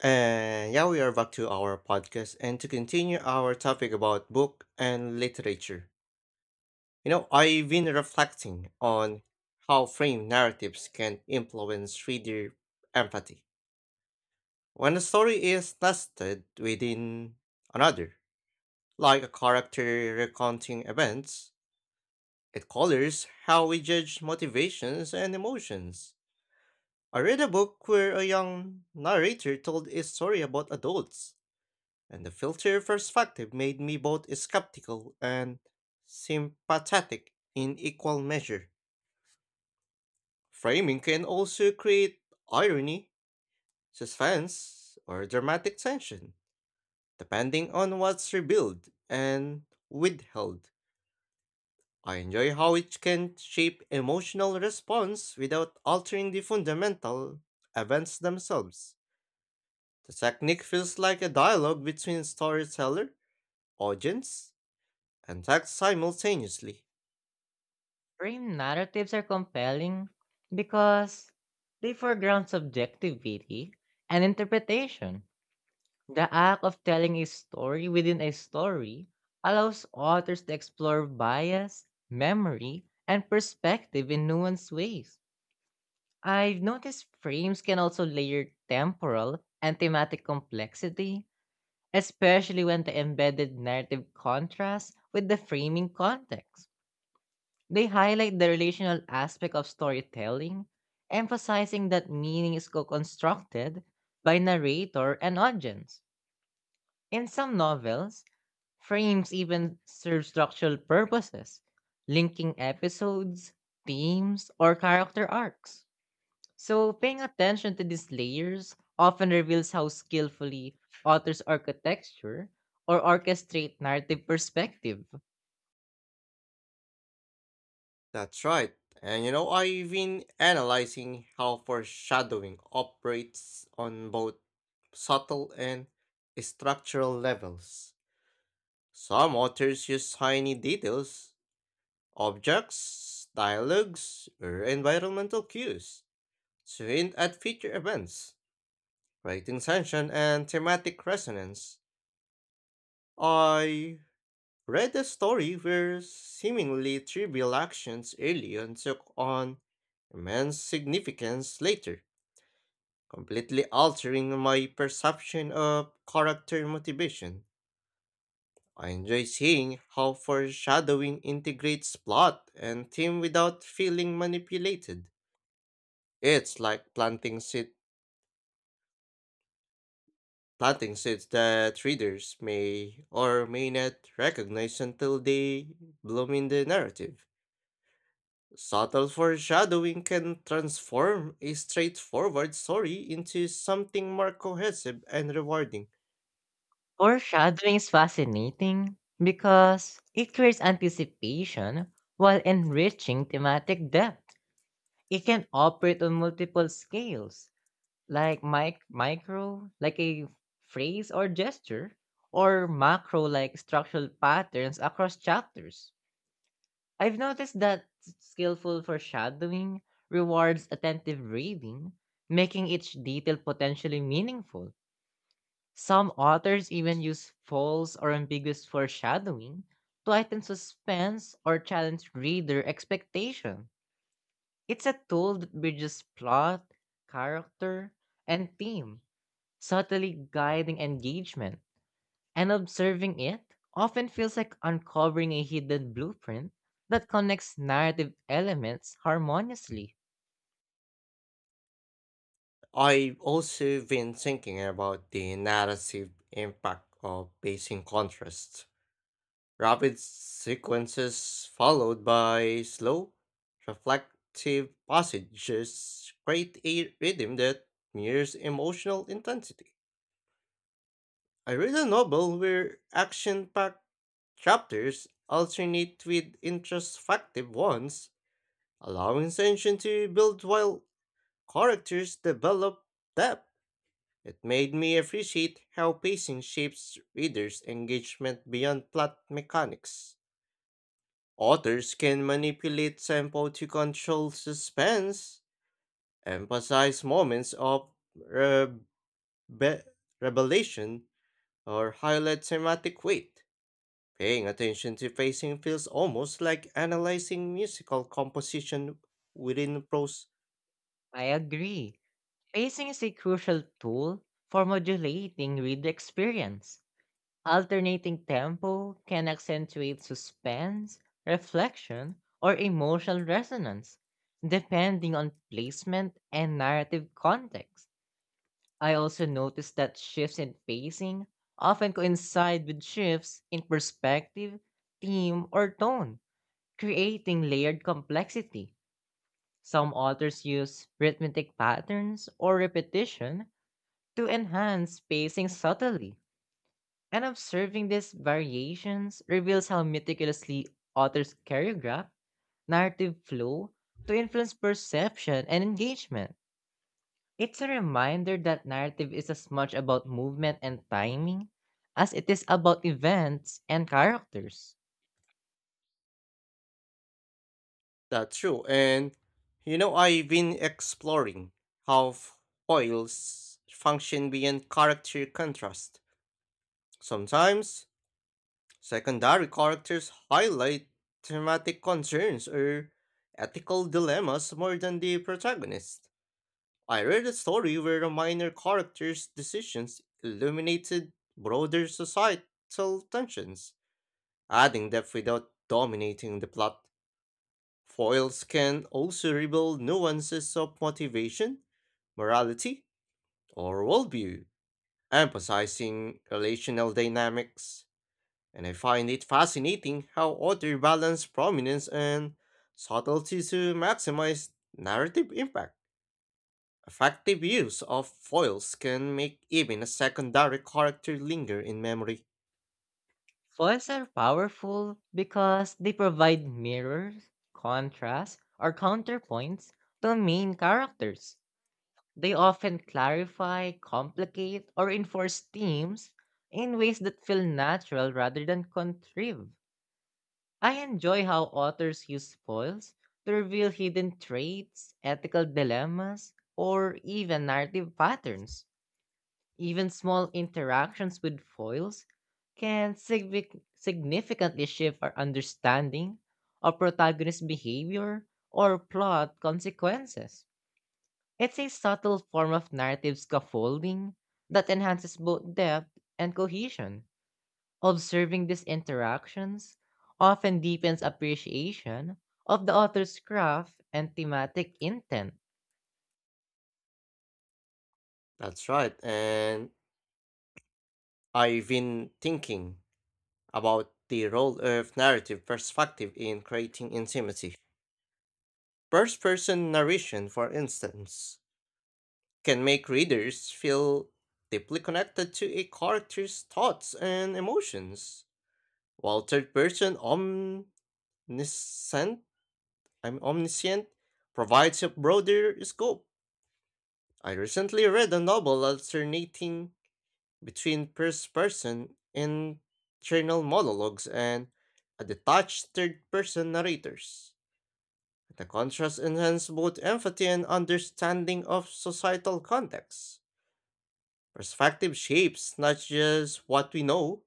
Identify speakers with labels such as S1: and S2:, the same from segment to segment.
S1: And yeah, we are back to our podcast and to continue our topic about book and literature. I've been reflecting on how frame narratives can influence reader empathy. When a story is nested within another, like a character recounting events, it colors how we judge motivations and emotions. I read a book where a young narrator told a story about adults and the filter perspective made me both skeptical and sympathetic in equal measure. Framing can also create irony, suspense, or dramatic tension, depending on what's revealed and withheld. I enjoy how it can shape emotional response without altering the fundamental events themselves. The technique feels like a dialogue between storyteller, audience, and text simultaneously.
S2: Frame narratives are compelling because they foreground subjectivity and interpretation. The act of telling a story within a story allows authors to explore bias, memory, and perspective in nuanced ways. I've noticed frames can also layer temporal and thematic complexity, especially when the embedded narrative contrasts with the framing context. They highlight the relational aspect of storytelling, emphasizing that meaning is co constructed by narrator and audience. In some novels, frames even serve structural purposes, linking episodes, themes, or character arcs. So, paying attention to these layers often reveals how skillfully authors architecture or orchestrate narrative perspective.
S1: That's right. I've been analyzing how foreshadowing operates on both subtle and structural levels. Some authors use tiny details, objects, dialogues, or environmental cues to hint at future events, creating tension and thematic resonance. I Read a story where seemingly trivial actions early on took on immense significance later, completely altering my perception of character motivation. I enjoy seeing how foreshadowing integrates plot and theme without feeling manipulated. It's like planting seeds that readers may or may not recognize until they bloom in the narrative. Subtle foreshadowing can transform a straightforward story into something more cohesive and rewarding.
S2: Foreshadowing is fascinating because it creates anticipation while enriching thematic depth. It can operate on multiple scales, like micro, like a phrase or gesture, or macro, like structural patterns across chapters. I've noticed that skillful foreshadowing rewards attentive reading, making each detail potentially meaningful. Some authors even use false or ambiguous foreshadowing to heighten suspense or challenge reader expectation. It's a tool that bridges plot, character, and theme, subtly guiding engagement. And observing it often feels like uncovering a hidden blueprint that connects narrative elements harmoniously.
S1: I've also been thinking about the narrative impact of pacing contrast. Rapid sequences followed by slow, reflective passages create a rhythm that mirrors emotional intensity. I read a novel where action packed chapters alternate with introspective ones, allowing tension to build while characters develop depth. It made me appreciate how pacing shapes readers' engagement beyond plot mechanics. Authors can manipulate tempo to control suspense, emphasize moments of rebe- revelation, or highlight thematic weight. Paying attention to pacing feels almost like analyzing musical composition within prose.
S2: I agree. Pacing is a crucial tool for modulating reader experience. Alternating tempo can accentuate suspense, reflection, or emotional resonance, depending on placement and narrative context. I also noticed that shifts in pacing often coincide with shifts in perspective, theme, or tone, creating layered complexity. Some authors use rhythmic patterns or repetition to enhance pacing subtly and observing these variations reveals how meticulously authors choreograph narrative flow to influence perception and engagement. It's a reminder that narrative is as much about movement and timing as it is about events and characters.
S1: That's true. I've been exploring how foils function beyond character contrast. Sometimes secondary characters highlight thematic concerns or ethical dilemmas more than the protagonist. I read a story where a minor character's decisions illuminated broader societal tensions, adding depth without dominating the plot. Foils can also reveal nuances of motivation, morality, or worldview, emphasizing relational dynamics. And I find it fascinating how authors balance prominence and subtlety to maximize narrative impact. Effective use of foils can make even a secondary character linger in memory.
S2: Foils are powerful because they provide mirrors, contrasts, or counterpoints to main characters. They often clarify, complicate, or enforce themes in ways that feel natural rather than contrived. I enjoy how authors use spoils to reveal hidden traits, ethical dilemmas, or even narrative patterns. Even small interactions with foils can significantly shift our understanding of protagonist behavior or plot consequences. It's a subtle form of narrative scaffolding that enhances both depth and cohesion. Observing these interactions often deepens appreciation of the author's craft and thematic intent.
S1: That's right, and I've been thinking about the role of narrative perspective in creating intimacy. First person narration, for instance, can make readers feel deeply connected to a character's thoughts and emotions, while third person omniscient, I'm omniscient provides a broader scope. I recently read a novel alternating between first person internal monologues and a detached third person narrators. The contrast enhances both empathy and understanding of societal context. Perspective shapes not just what we know,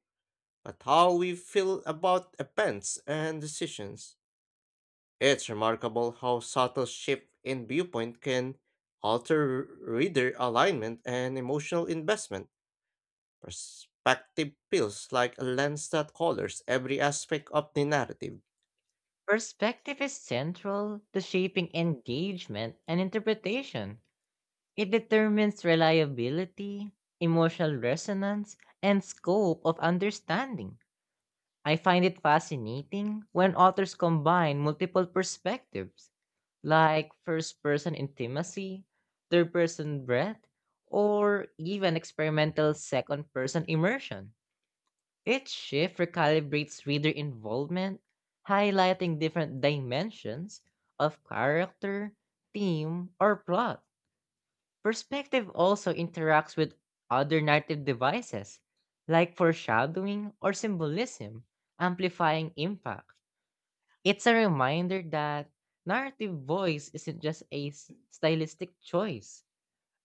S1: but how we feel about events and decisions. It's remarkable how subtle shift in viewpoint can alter reader alignment and emotional investment. Perspective feels like a lens that colors every aspect of the narrative.
S2: Perspective is central to shaping engagement and interpretation. It determines reliability, emotional resonance, and scope of understanding. I find it fascinating when authors combine multiple perspectives like first person intimacy, third person breath, or even experimental second person immersion. Each shift recalibrates reader involvement, highlighting different dimensions of character, theme, or plot. Perspective also interacts with other narrative devices, like foreshadowing or symbolism, amplifying impact. It's a reminder that narrative voice isn't just a stylistic choice,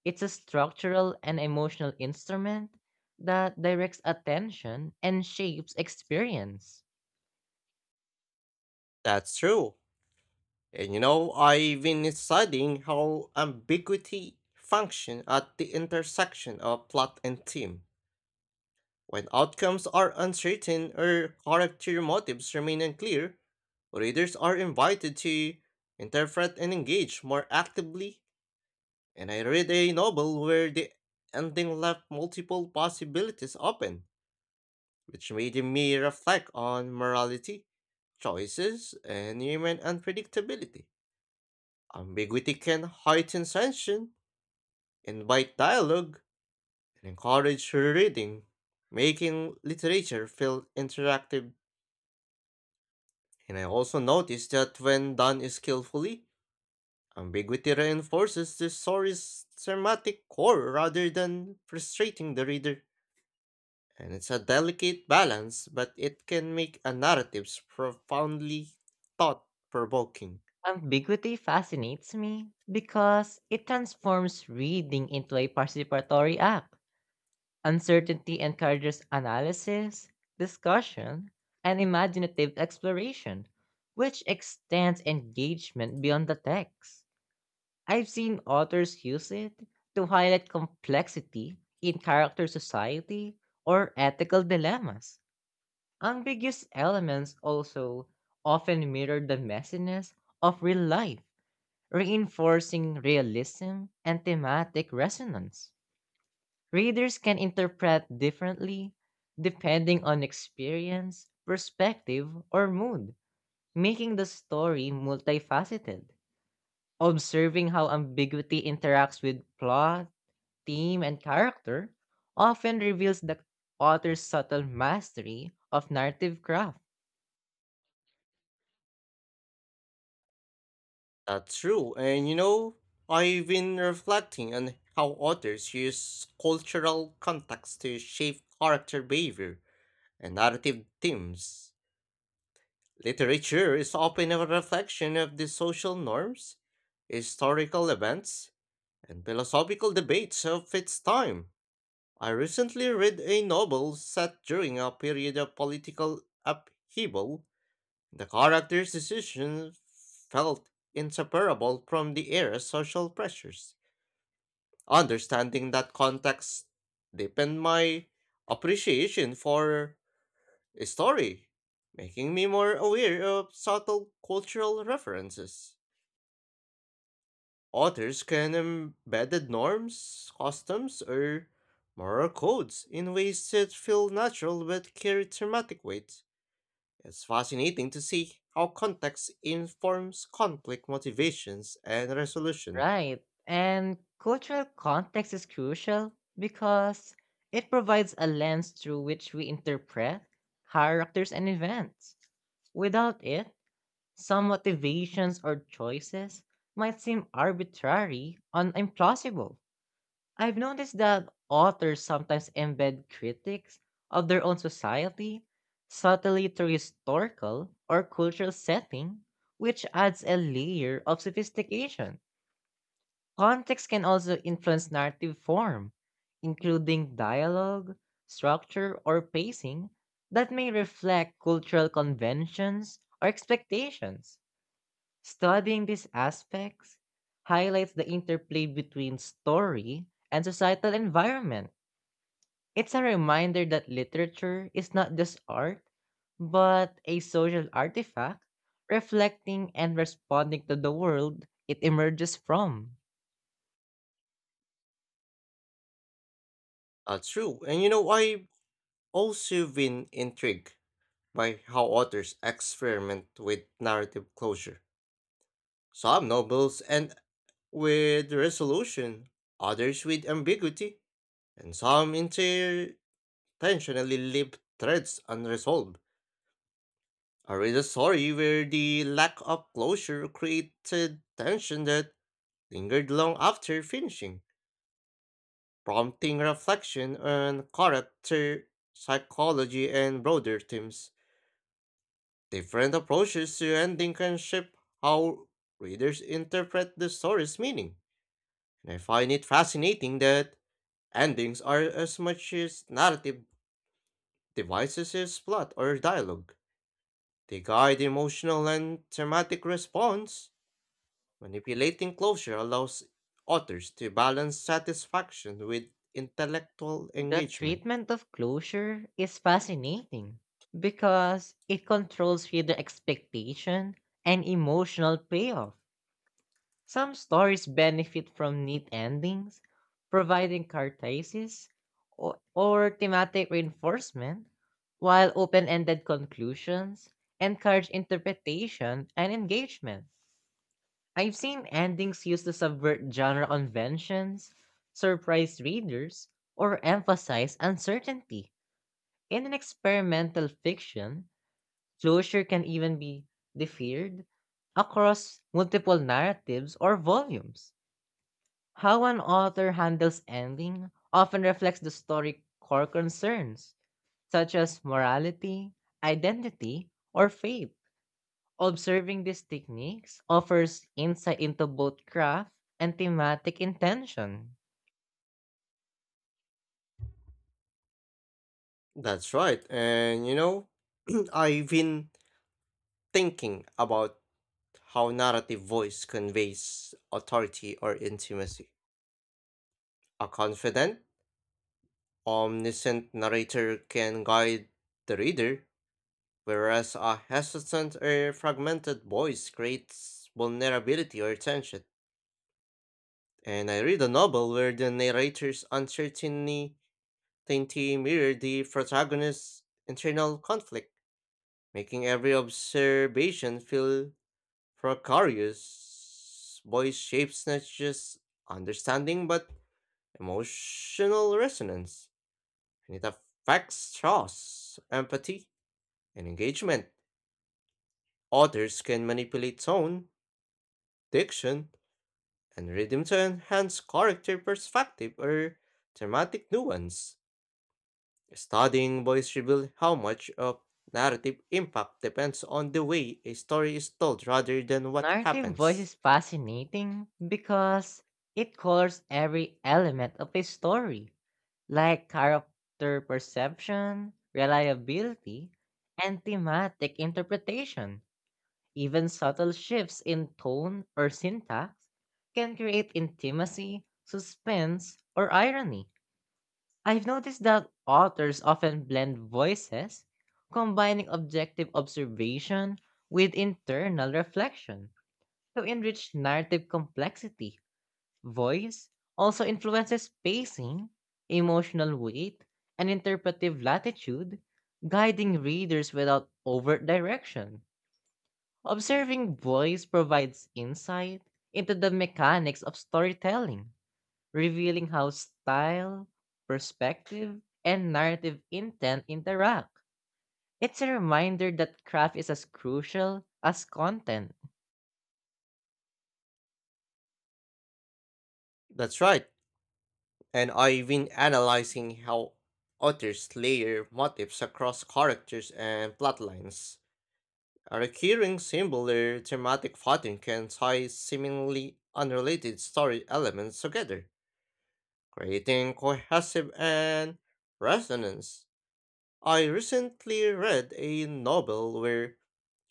S2: it's a structural and emotional instrument that directs attention and shapes experience.
S1: That's true. I've been studying how ambiguity functions at the intersection of plot and theme. When outcomes are uncertain or character motives remain unclear, readers are invited to interpret and engage more actively. And I read a novel where the ending left multiple possibilities open, which made me reflect on morality, choices, and human unpredictability. Ambiguity can heighten tension, invite dialogue, and encourage reading, making literature feel interactive. And I also noticed that when done skillfully, ambiguity reinforces the story's thematic core rather than frustrating the reader. And it's a delicate balance, but it can make a narrative profoundly thought provoking.
S2: Ambiguity fascinates me because it transforms reading into a participatory act. Uncertainty encourages analysis, discussion, and imaginative exploration, which extends engagement beyond the text. I've seen authors use it to highlight complexity in character society or ethical dilemmas. Ambiguous elements also often mirror the messiness of real life, reinforcing realism and thematic resonance. Readers can interpret differently depending on experience, perspective, or mood, making the story multifaceted. Observing how ambiguity interacts with plot, theme and character often reveals the author's subtle mastery of narrative craft.
S1: That's true. I've been reflecting on how authors use cultural context to shape character behavior and narrative themes. Literature is often a reflection of the social norms, historical events, and philosophical debates of its time. I recently read a novel set during a period of political upheaval. The character's decisions felt inseparable from the era's social pressures. Understanding that context deepened my appreciation for story, making me more aware of subtle cultural references. Authors can embed norms, customs, or moral codes in ways that feel natural but carry thematic weight. It's fascinating to see how context informs conflict motivations and resolution.
S2: Right. And cultural context is crucial because it provides a lens through which we interpret characters and events. Without it, some motivations or choices might seem arbitrary and implausible. I've noticed that authors sometimes embed critics of their own society subtly through historical or cultural setting, which adds a layer of sophistication. Context can also influence narrative form, including dialogue, structure, or pacing that may reflect cultural conventions or expectations. Studying these aspects highlights the interplay between story and societal environment. It's a reminder that literature is not just art, but a social artifact reflecting and responding to the world it emerges from.
S1: That's true. I've also been intrigued by how authors experiment with narrative closure. Some novels end with resolution, others with ambiguity, and some intentionally leave threads unresolved. I read a story where the lack of closure created tension that lingered long after finishing, prompting reflection on character, psychology, and broader themes. Different approaches to ending can shape how readers interpret the story's meaning, and I find it fascinating that Endings are as much as narrative devices as plot or dialogue. They guide emotional and thematic response. Manipulating closure allows authors to balance satisfaction with intellectual
S2: The
S1: engagement.
S2: treatment of closure is fascinating because it controls reader expectation and emotional payoff. Some stories benefit from neat endings, providing catharsis or thematic reinforcement, while open-ended conclusions encourage interpretation and engagement. I've seen endings used to subvert genre conventions, surprise readers, or emphasize uncertainty. In an experimental fiction, closure can even be deferred across multiple narratives or volumes. How an author handles ending often reflects the story core concerns, such as morality, identity, or faith. Observing these techniques offers insight into both craft and thematic intention.
S1: That's right, and you know, I've been thinking about how narrative voice conveys authority or intimacy. A confident, omniscient narrator can guide the reader whereas a hesitant or fragmented voice creates vulnerability or tension. And I read a novel where the narrator's uncertainty mirrored the protagonist's internal conflict, making every observation feel precarious. Voice shapes not just understanding but emotional resonance, and it affects trust, empathy, and engagement. Authors can manipulate tone, diction, and rhythm to enhance character perspective or thematic nuance. Studying voice reveals how much of narrative impact depends on the way a story is told rather than what
S2: Narrative voice
S1: happens.
S2: is fascinating because it colors every element of a story, like character perception, reliability, and thematic interpretation. Even subtle shifts in tone or syntax can create intimacy, suspense, or irony. I've noticed that authors often blend voices, combining objective observation with internal reflection to enrich narrative complexity. Voice also influences pacing, emotional weight, and interpretive latitude, guiding readers without overt direction. Observing boys provides insight into the mechanics of storytelling, revealing how style, perspective, and narrative intent interact. It's a reminder that craft is as crucial as content.
S1: That's right, and I've been analyzing how authors layer motifs across characters and plotlines. A recurring symbol or thematic pattern can tie seemingly unrelated story elements together creating cohesive and resonance. I recently read a novel where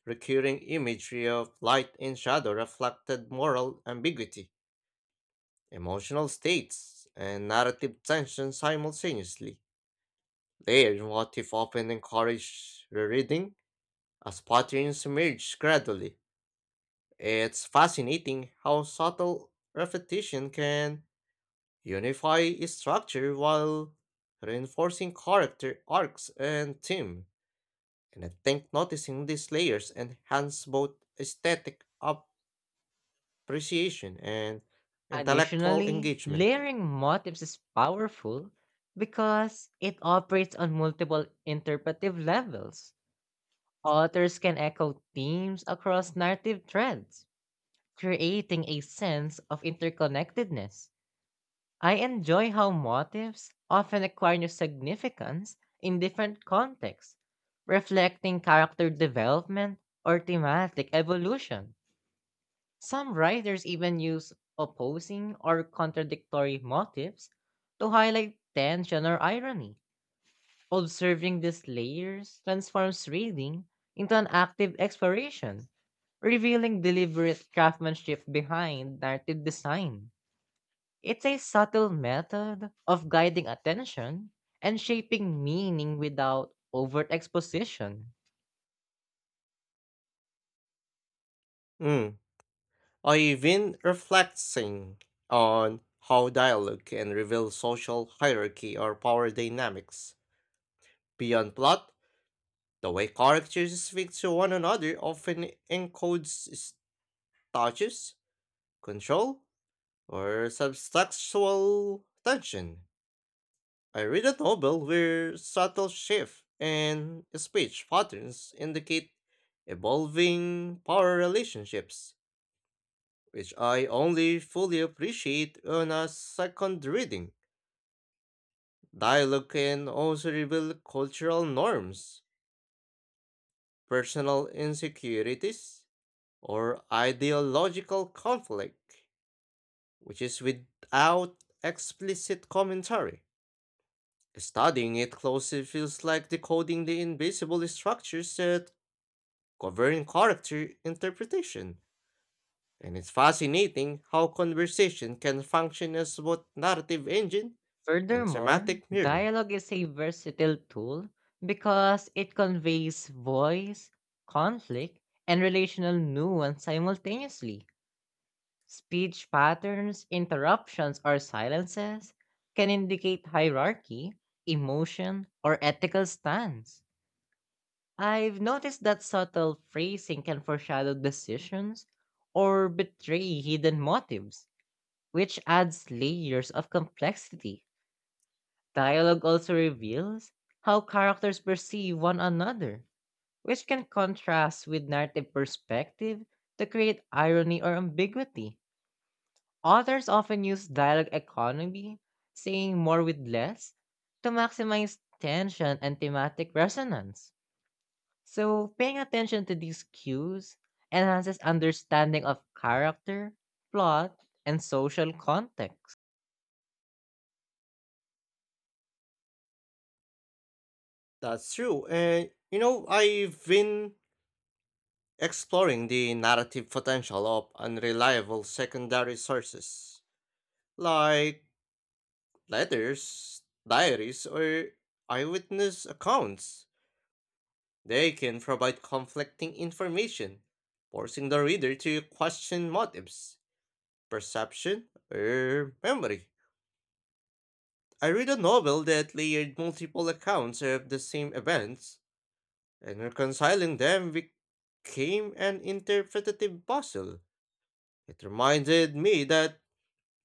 S1: recurring imagery of light and shadow reflected moral ambiguity, emotional states, and narrative tension simultaneously. Their motif often encourage rereading as patterns emerge gradually. It's fascinating how subtle repetition can Unify its structure while reinforcing character arcs and theme, and I think noticing these layers enhance both aesthetic appreciation and intellectual
S2: Additionally,
S1: engagement.
S2: layering motifs is powerful because it operates on multiple interpretive levels. Authors can echo themes across narrative threads, creating a sense of interconnectedness. I enjoy how motifs often acquire new significance in different contexts, reflecting character development or thematic evolution. Some writers even use opposing or contradictory motifs to highlight tension or irony. Observing these layers transforms reading into an active exploration, revealing deliberate craftsmanship behind narrative design. It's a subtle method of guiding attention and shaping meaning without overt exposition.
S1: Mm. I've been reflecting on how dialogue can reveal social hierarchy or power dynamics. Beyond plot, the way characters speak to one another often encodes status, control, or subtextual tension. I read a novel where subtle shift in speech patterns indicate evolving power relationships, which I only fully appreciate on a second reading. Dialogue can also reveal cultural norms, personal insecurities, or ideological conflict, which is without explicit commentary. Studying it closely feels like decoding the invisible structures that govern character interpretation, and it's fascinating how conversation can function as both narrative engine and
S2: Furthermore,
S1: thematic mirror.
S2: dialogue is a versatile tool because it conveys voice, conflict, and relational nuance simultaneously. Speech patterns, interruptions, or silences can indicate hierarchy, emotion, or ethical stance. I've noticed that subtle phrasing can foreshadow decisions or betray hidden motives, which adds layers of complexity. Dialogue also reveals how characters perceive one another, which can contrast with narrative perspective to create irony or ambiguity. Authors often use dialogue economy, saying more with less, to maximize tension and thematic resonance. So, paying attention to these cues enhances understanding of character, plot, and social context.
S1: That's true, and you know, I've been exploring the narrative potential of unreliable secondary sources, like letters, diaries, or eyewitness accounts. They can provide conflicting information, forcing the reader to question motives, perception, or memory. I read a novel that layered multiple accounts of the same events, and reconciling them became an interpretative puzzle. It reminded me that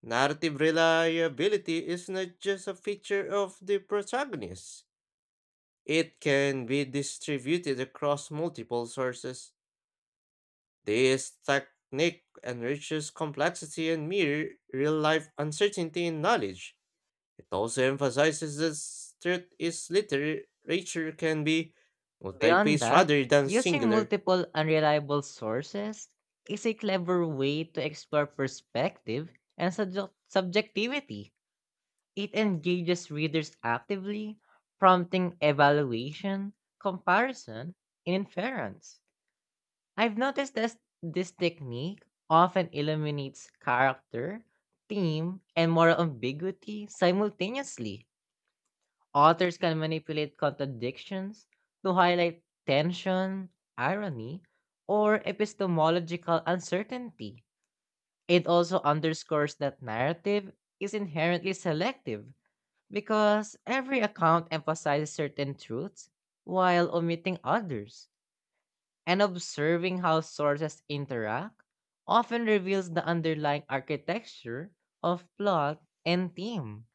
S1: narrative reliability is not just a feature of the protagonist, it can be distributed across multiple sources. This technique enriches complexity and mirror real life uncertainty in knowledge. It also emphasizes that truth is literature can be
S2: Beyond
S1: multi-paced
S2: that,
S1: rather than
S2: using
S1: singular.
S2: multiple unreliable sources is a clever way to explore perspective and subjectivity. It engages readers actively, prompting evaluation, comparison, and inference. I've noticed that this technique often eliminates character, theme, and moral ambiguity simultaneously. Authors can manipulate contradictions to highlight tension, irony, or epistemological uncertainty. It also underscores that narrative is inherently selective because every account emphasizes certain truths while omitting others and observing how sources interact often reveals the underlying architecture of plot and theme.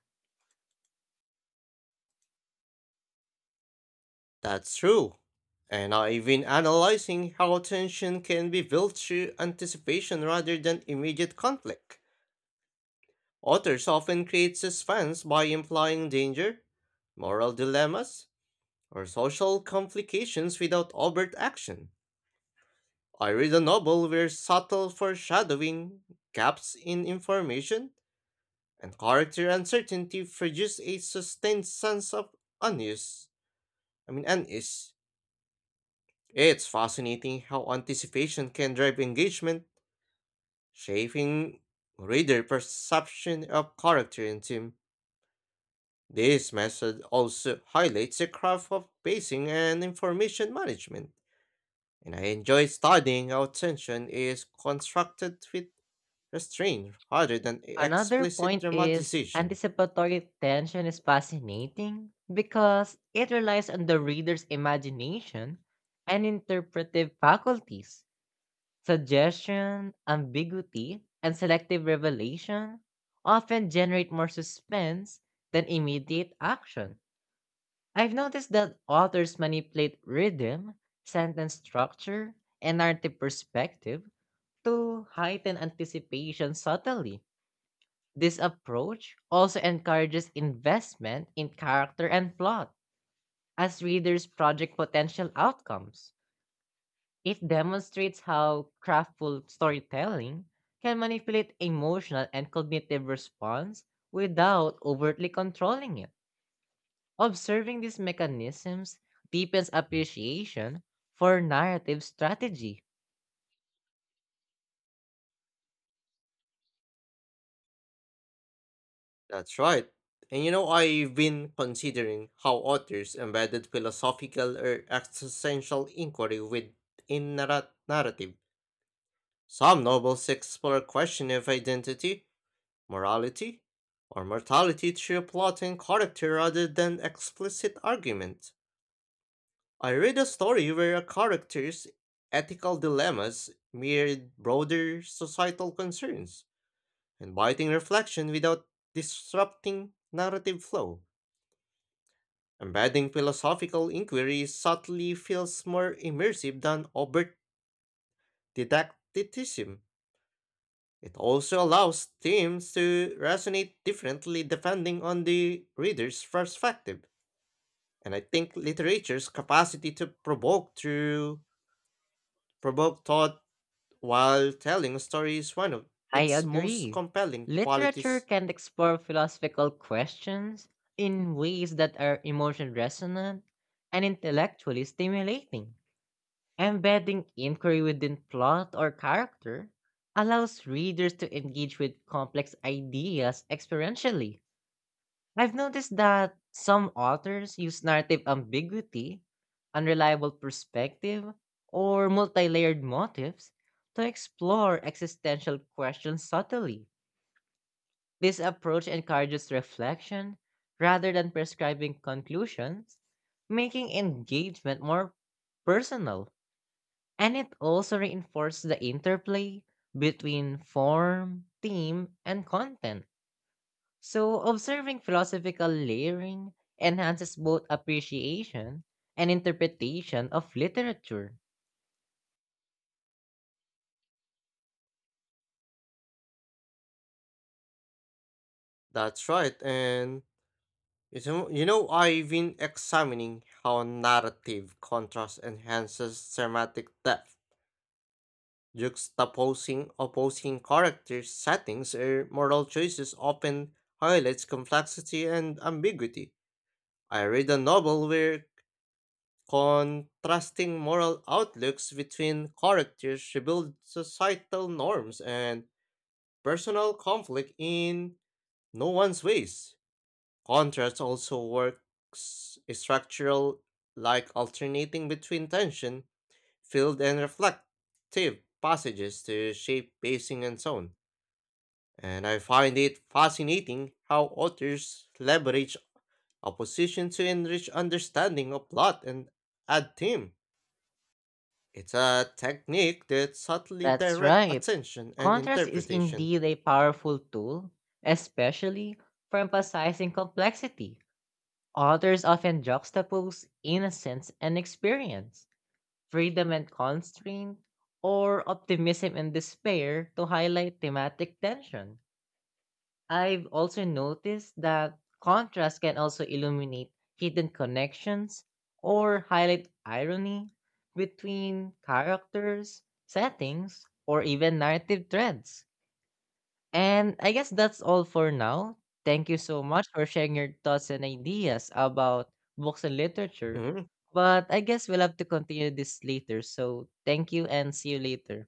S1: That's true. And now even analyzing how tension can be built through anticipation rather than immediate conflict. Authors often create suspense by implying danger, moral dilemmas, or social complications without overt action. I read a novel where subtle foreshadowing, gaps in information, and character uncertainty produce a sustained sense of unease. Unease. It's fascinating how anticipation can drive engagement, shaping reader perception of character and team. This method also highlights the craft of pacing and information management, and I enjoy studying how tension is constructed with restraint rather than
S2: Another
S1: explicit
S2: point is
S1: dramatization.
S2: anticipatory tension is fascinating because it relies on the reader's imagination and interpretive faculties. Suggestion, ambiguity, and selective revelation often generate more suspense than immediate action. I've noticed that authors manipulate rhythm, sentence structure, and narrative perspective to heighten anticipation subtly. This approach also encourages investment in character and plot as readers project potential outcomes. It demonstrates how craftful storytelling can manipulate emotional and cognitive response without overtly controlling it. Observing these mechanisms deepens appreciation for narrative strategy.
S1: That's right. I've been considering how authors embedded philosophical or existential inquiry within narrative. Some novels explore question of identity, morality, or mortality through plot and character rather than explicit argument. I read a story where a character's ethical dilemmas mirrored broader societal concerns inviting reflection without disrupting narrative flow. Embedding philosophical inquiry subtly feels more immersive than overt didacticism. It also allows themes to resonate differently depending on the reader's perspective. And I think literature's capacity to provoke thought while telling a story is one of
S2: I
S1: its most
S2: agree.
S1: compelling
S2: Literature
S1: qualities.
S2: can explore philosophical questions in ways that are emotion resonant and intellectually stimulating. Embedding inquiry within plot or character allows readers to engage with complex ideas experientially. I've noticed that some authors use narrative ambiguity, unreliable perspective, or multi layered motives to explore existential questions subtly. This approach encourages reflection rather than prescribing conclusions, making engagement more personal. And it also reinforces the interplay between form, theme, and content so, observing philosophical layering enhances both appreciation and interpretation of literature.
S1: That's right, and I've been examining how narrative contrast enhances thematic depth. Juxtaposing opposing characters, settings, or moral choices often highlights complexity and ambiguity. I read a novel where contrasting moral outlooks between characters revealed societal norms and personal conflict in no one's ways. Contrast also works structural like alternating between tension, filled and reflective passages to shape pacing and tone. And I find it fascinating how authors leverage opposition to enrich understanding of plot and add theme. It's a technique that subtly
S2: That's
S1: directs
S2: right.
S1: attention and
S2: Contrast is
S1: interpretation.
S2: indeed a powerful tool, especially for emphasizing complexity. Authors often juxtapose innocence and experience, freedom and constraint, or optimism and despair to highlight thematic tension. I've also noticed that contrast can also illuminate hidden connections or highlight irony between characters, settings, or even narrative threads. And I guess that's all for now. Thank you so much for sharing your thoughts and ideas about books and literature.
S1: Mhm.
S2: But I guess we'll have to continue this later. So thank you and see you later.